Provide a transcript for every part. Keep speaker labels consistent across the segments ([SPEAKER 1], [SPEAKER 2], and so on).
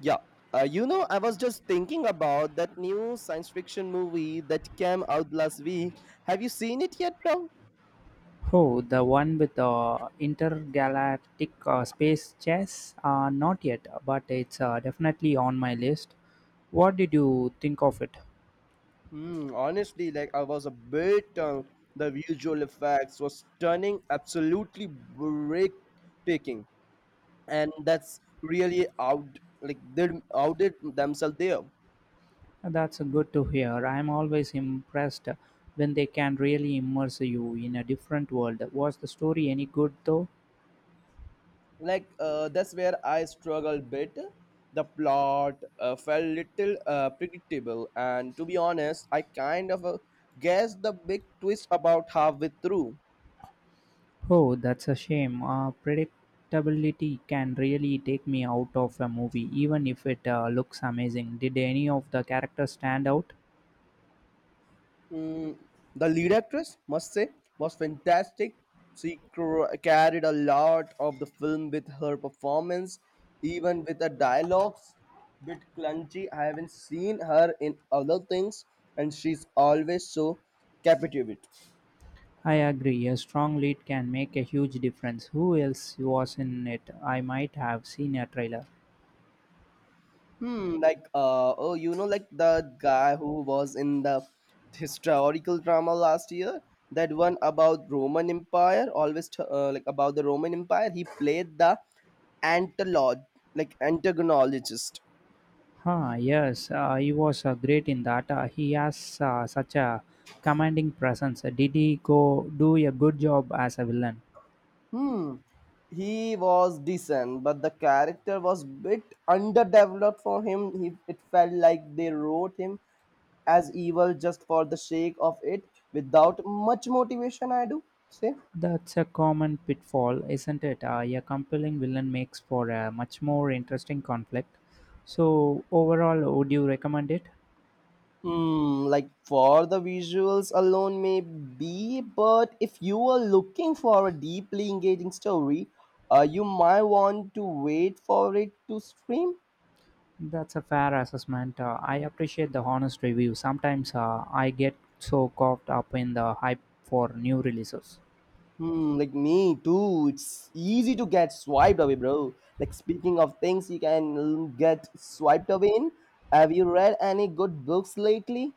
[SPEAKER 1] Yeah. I was just thinking about that new science fiction movie that came out last week. Have you seen it yet, bro?
[SPEAKER 2] Oh, the one with the intergalactic space chess? Not yet, but it's definitely on my list. What did you think of it?
[SPEAKER 1] Hmm, honestly, like I was a bit. The visual effects was stunning, absolutely breathtaking, and that's really out like they outdid themselves there.
[SPEAKER 2] That's good to hear. I'm always impressed when they can really immerse you in a different world. Was the story any good though?
[SPEAKER 1] Like that's where I struggle bit. The plot felt little predictable, and to be honest I kind of guessed the big twist about halfway through.
[SPEAKER 2] Oh, that's a shame. Predictability can really take me out of a movie, even if it looks amazing. Did any of the characters stand out?
[SPEAKER 1] Mm, the lead actress, must say, was fantastic. She carried a lot of the film with her performance, even with the dialogues bit clunky. I haven't seen her in other things, and she's always so captivating.
[SPEAKER 2] I agree, a strong lead can make a huge difference. Who else was in it? I might have seen a trailer.
[SPEAKER 1] Like the guy who was in the historical drama last year, that one about Roman Empire, always like about the Roman Empire. He played the antilog, like antagonologist.
[SPEAKER 2] Huh, yes, he was great in that. He has such a commanding presence. Did he go do a good job as a villain?
[SPEAKER 1] Hmm. He was decent, but the character was bit underdeveloped for him. He It felt like they wrote him as evil just for the sake of it, without much motivation, I do say.
[SPEAKER 2] That's a common pitfall, isn't it? A compelling villain makes for a much more interesting conflict. So, overall, would you recommend it?
[SPEAKER 1] Hmm, like for the visuals alone, maybe, but if you are looking for a deeply engaging story, you might want to wait for it to stream.
[SPEAKER 2] That's a fair assessment. I appreciate the honest review. Sometimes I get so caught up in the hype for new releases.
[SPEAKER 1] Hmm, like me too. It's easy to get swiped away, bro. Like speaking of things you can get swiped away in, have you read any good books lately?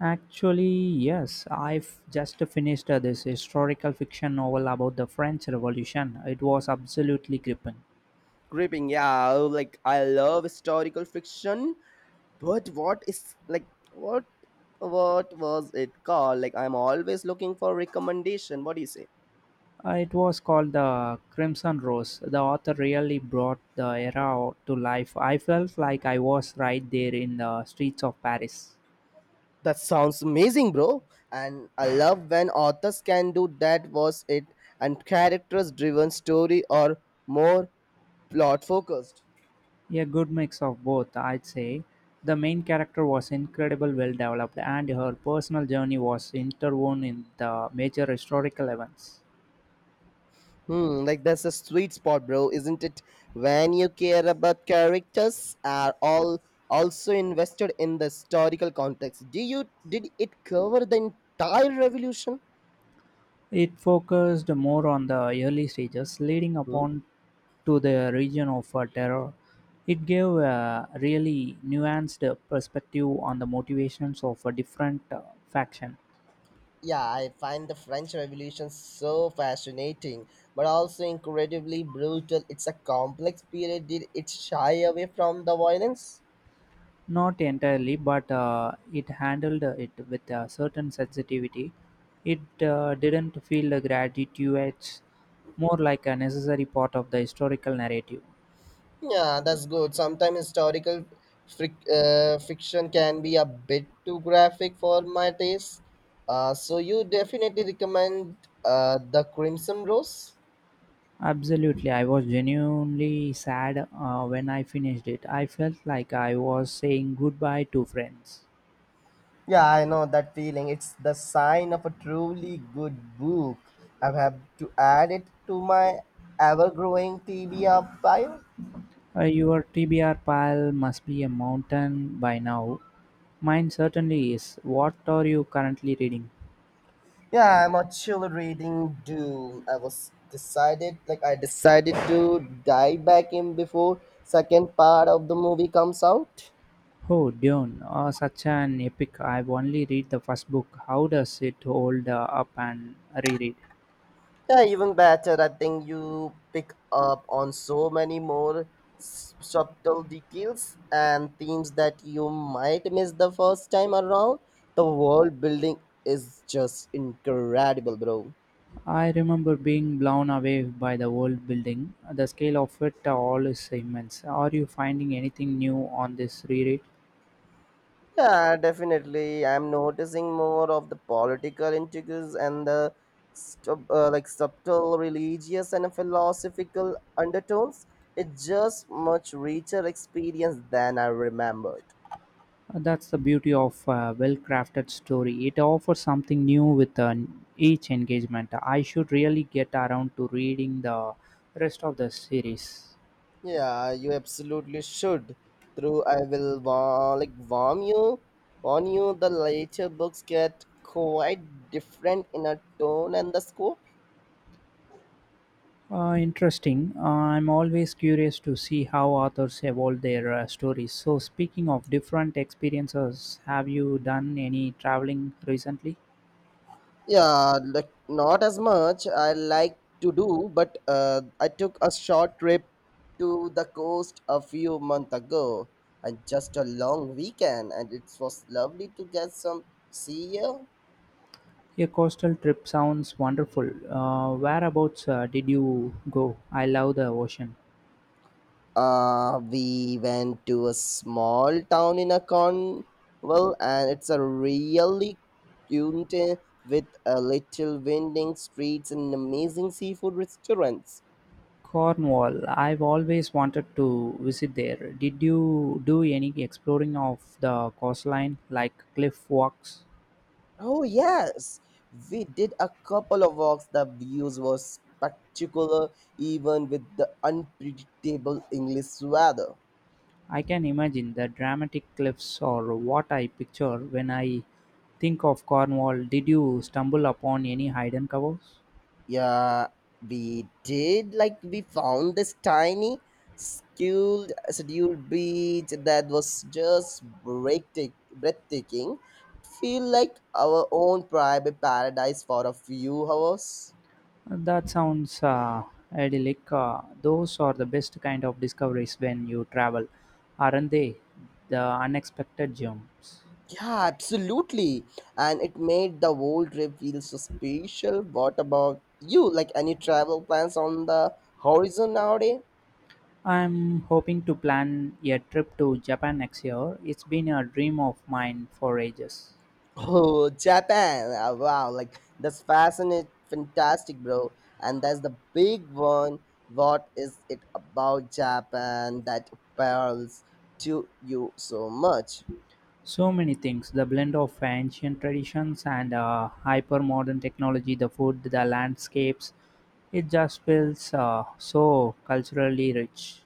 [SPEAKER 2] Actually, yes, I've just finished this historical fiction novel about the French Revolution. It was absolutely gripping.
[SPEAKER 1] Gripping, yeah. Oh, like I love historical fiction, but what is like what was it called? Like I'm always looking for recommendation. What do you say?
[SPEAKER 2] It was called The Crimson Rose. The author really brought the era to life. I felt like I was right there in the streets of Paris.
[SPEAKER 1] That sounds amazing, bro, and I love when authors can do that. Was it and characters driven story, or more plot focused?
[SPEAKER 2] A good mix of both, I'd say. The main character was incredibly well developed, and her personal journey was interwoven in the major historical events.
[SPEAKER 1] Hmm, like that's a sweet spot, bro, isn't it? When you care about characters are all also invested in the historical context. Do you Did it cover the entire revolution?
[SPEAKER 2] It focused more on the early stages, leading
[SPEAKER 1] Mhm.
[SPEAKER 2] upon to the region of terror. It gave a really nuanced perspective on the motivations of a different faction.
[SPEAKER 1] Yeah, I find the French Revolution so fascinating, but also incredibly brutal. It's a complex period. Did it shy away from the violence?
[SPEAKER 2] Not entirely, but it handled it with a certain sensitivity. It didn't feel gratuitous, more like a necessary part of the historical narrative.
[SPEAKER 1] Yeah, that's good. Sometimes historical fiction can be a bit too graphic for my taste. So you definitely recommend The Crimson Rose?
[SPEAKER 2] Absolutely, I was genuinely sad when I finished it. I felt like I was saying goodbye to friends.
[SPEAKER 1] Yeah, I know that feeling. It's the sign of a truly good book. I have to add it to my ever growing TBR pile.
[SPEAKER 2] Your TBR pile must be a mountain by now. Mine certainly is. What are you currently reading?
[SPEAKER 1] Yeah, I'm actually reading Dune. I was decided, like, I decided to dive back in before second part of the movie comes out.
[SPEAKER 2] Oh, Dune, such an epic. I've only read the first book. How does it hold up and reread?
[SPEAKER 1] Yeah, even better. I think you pick up on so many more subtle details and themes that you might miss the first time around. The world building is just incredible, bro.
[SPEAKER 2] I remember being blown away by the world building. The scale of it all is immense. Are you finding anything new on this reread?
[SPEAKER 1] Yeah, definitely. I'm noticing more of the political intrigues and the like subtle religious and philosophical undertones. It's just much richer experience than I remembered.
[SPEAKER 2] That's the beauty of a well crafted story. It offers something new with each engagement. I should really get around to reading the rest of the series.
[SPEAKER 1] Yeah, you absolutely should. Through I will warn you. The later books get quite different in a tone and the scope.
[SPEAKER 2] Interesting. I'm always curious to see how authors evolve their stories. So, speaking of different experiences, have you done any traveling recently?
[SPEAKER 1] Yeah, like not as much I like to do, but I took a short trip to the coast a few months ago, and just a long weekend, and it was lovely to get some sea air.
[SPEAKER 2] A coastal trip sounds wonderful. Whereabouts did you go? I love the ocean.
[SPEAKER 1] We went to a small town in a Cornwall, and it's a really cute with a little winding streets and amazing seafood restaurants.
[SPEAKER 2] Cornwall. I've always wanted to visit there. Did you do any exploring of the coastline, like cliff walks?
[SPEAKER 1] Oh, yes. We did a couple of walks. The views were spectacular, even with the unpredictable English weather.
[SPEAKER 2] I can imagine the dramatic cliffs or what I picture when I think of Cornwall. Did you stumble upon any hidden covers?
[SPEAKER 1] Yeah, we did. Like, we found this tiny, scheduled beach that was just breathtaking. Feel like our own private paradise for a few hours.
[SPEAKER 2] That sounds idyllic. Those are the best kind of discoveries when you travel, aren't they? The unexpected gems.
[SPEAKER 1] Yeah, absolutely. And it made the whole trip feel so special. What about you? Like any travel plans on the horizon nowadays?
[SPEAKER 2] I'm hoping to plan a trip to Japan next year. It's been a dream of mine for ages.
[SPEAKER 1] Oh, Japan. Ah, wow, like that's fantastic, bro. And that's the big one. What is it about Japan that appeals to you so much?
[SPEAKER 2] So many things the blend of ancient traditions and hyper modern technology, the food, the landscapes. It just feels so culturally rich.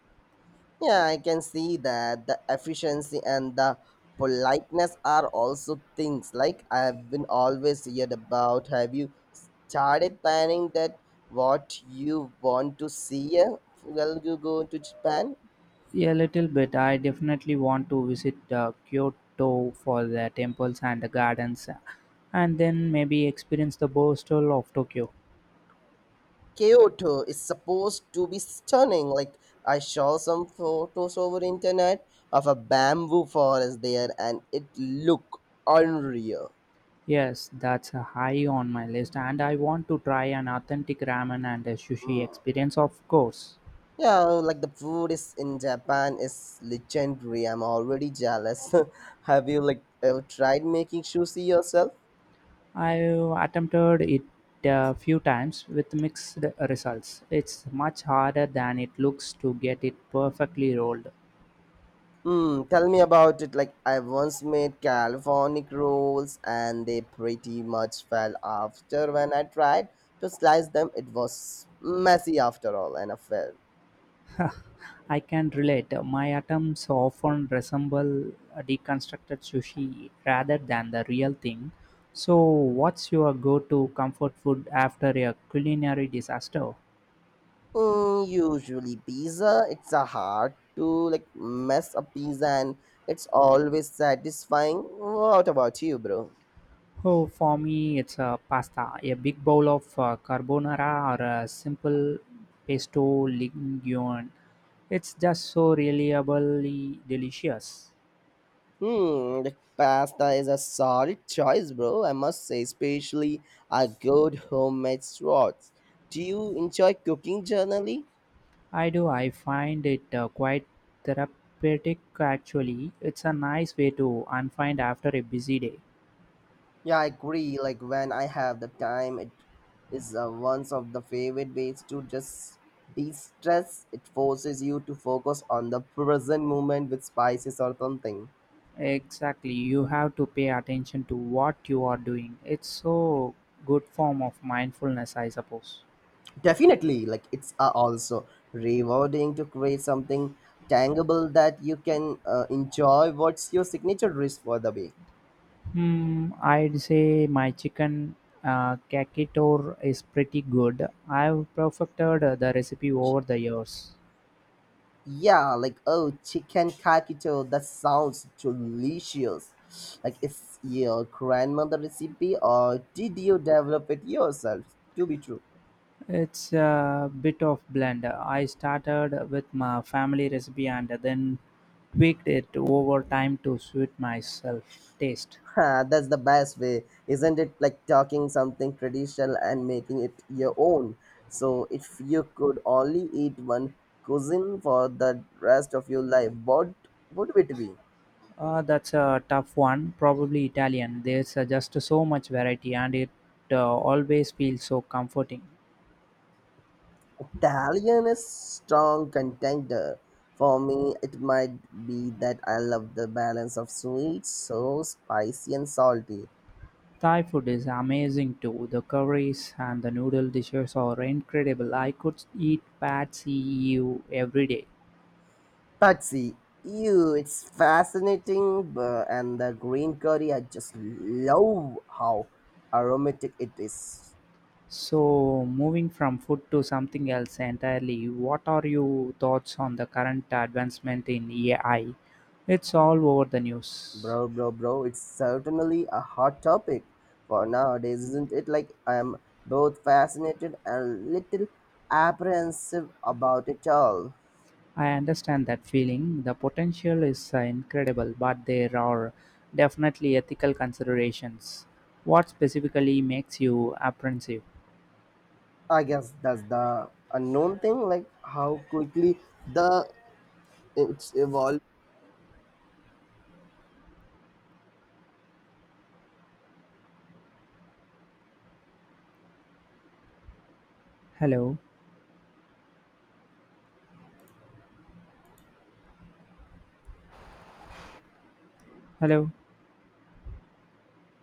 [SPEAKER 1] Yeah, I can see that the efficiency and the politeness are also things like I've been always heard about. Have you started planning that what you want to see Well, you go to Japan?
[SPEAKER 2] A little bit, I definitely want to visit Kyoto for the temples and the gardens, and then maybe experience the Boastal of Tokyo.
[SPEAKER 1] Kyoto is supposed to be stunning. Like I saw some photos over internet of a bamboo forest there, and it looked unreal.
[SPEAKER 2] Yes, that's a high on my list, and I want to try an authentic ramen and a
[SPEAKER 1] Hmm.
[SPEAKER 2] sushi experience, of course.
[SPEAKER 1] Yeah, like the food is in Japan is legendary. I'm already jealous. Have you like ever tried making sushi yourself?
[SPEAKER 2] I've attempted it a few times with mixed results. It's much harder than it looks to get it perfectly rolled.
[SPEAKER 1] Hmm, tell me about it. Like I once made Californic rolls and they pretty much fell after when I tried to slice them. It was messy after all and a fail.
[SPEAKER 2] I can relate. My attempts often resemble a deconstructed sushi rather than the real thing. So, what's your go to comfort food after a culinary disaster?
[SPEAKER 1] Mm, usually pizza. It's a hard to like mess up pizza, and it's always satisfying. What about you, bro?
[SPEAKER 2] Oh, for me, it's a pasta, a big bowl of carbonara or a simple pesto linguine. It's just so reliably delicious.
[SPEAKER 1] Hmm, the pasta is a solid choice, bro, I must say, especially a good homemade sauce. Do you enjoy cooking generally?
[SPEAKER 2] I do, I find it quite therapeutic actually. It's a nice way to unwind after a busy day.
[SPEAKER 1] Yeah, I agree. Like when I have the time, it is one of the favorite ways to just de-stress. It forces you to focus on the present moment with spices or something.
[SPEAKER 2] Exactly, you have to pay attention to what you are doing. It's so good form of mindfulness, I suppose.
[SPEAKER 1] Definitely, like it's also rewarding to create something tangible that you can enjoy. What's your signature dish for the week?
[SPEAKER 2] Hmm, I'd say my chicken cacciatore is pretty good. I've perfected the recipe over the years.
[SPEAKER 1] Yeah, like oh, chicken kakito. That sounds delicious. Like, is your grandmother recipe or did you develop it yourself? To be true,
[SPEAKER 2] It's a bit of blend. I started with my family recipe and then tweaked it over time to suit myself taste.
[SPEAKER 1] huh, that's the best way, isn't it? Like talking something traditional and making it your own. So, if you could only eat one cuisine for the rest of your life, what would it be?
[SPEAKER 2] That's a tough one. Probably Italian. There's just so much variety, and it always feels so comforting.
[SPEAKER 1] Italian is strong contender. For me, it might be that I love the balance of sweet, so spicy and salty.
[SPEAKER 2] Thai food is amazing too. The curries and the noodle dishes are incredible. I could eat Pad See Ew every day.
[SPEAKER 1] Patsy, you, it's bu- and the green curry, I just love how aromatic it is.
[SPEAKER 2] So, moving from food to something else entirely, what are your thoughts on the current advancement in AI? It's all over the news.
[SPEAKER 1] Bro, it's certainly a hot topic for nowadays, isn't it? Like, I'm both fascinated and little apprehensive about it all.
[SPEAKER 2] I understand that feeling. The potential is incredible, but there are definitely ethical considerations. What specifically makes you apprehensive?
[SPEAKER 1] I guess that's the unknown thing, like how quickly the it's evolving.
[SPEAKER 2] Hello, hello,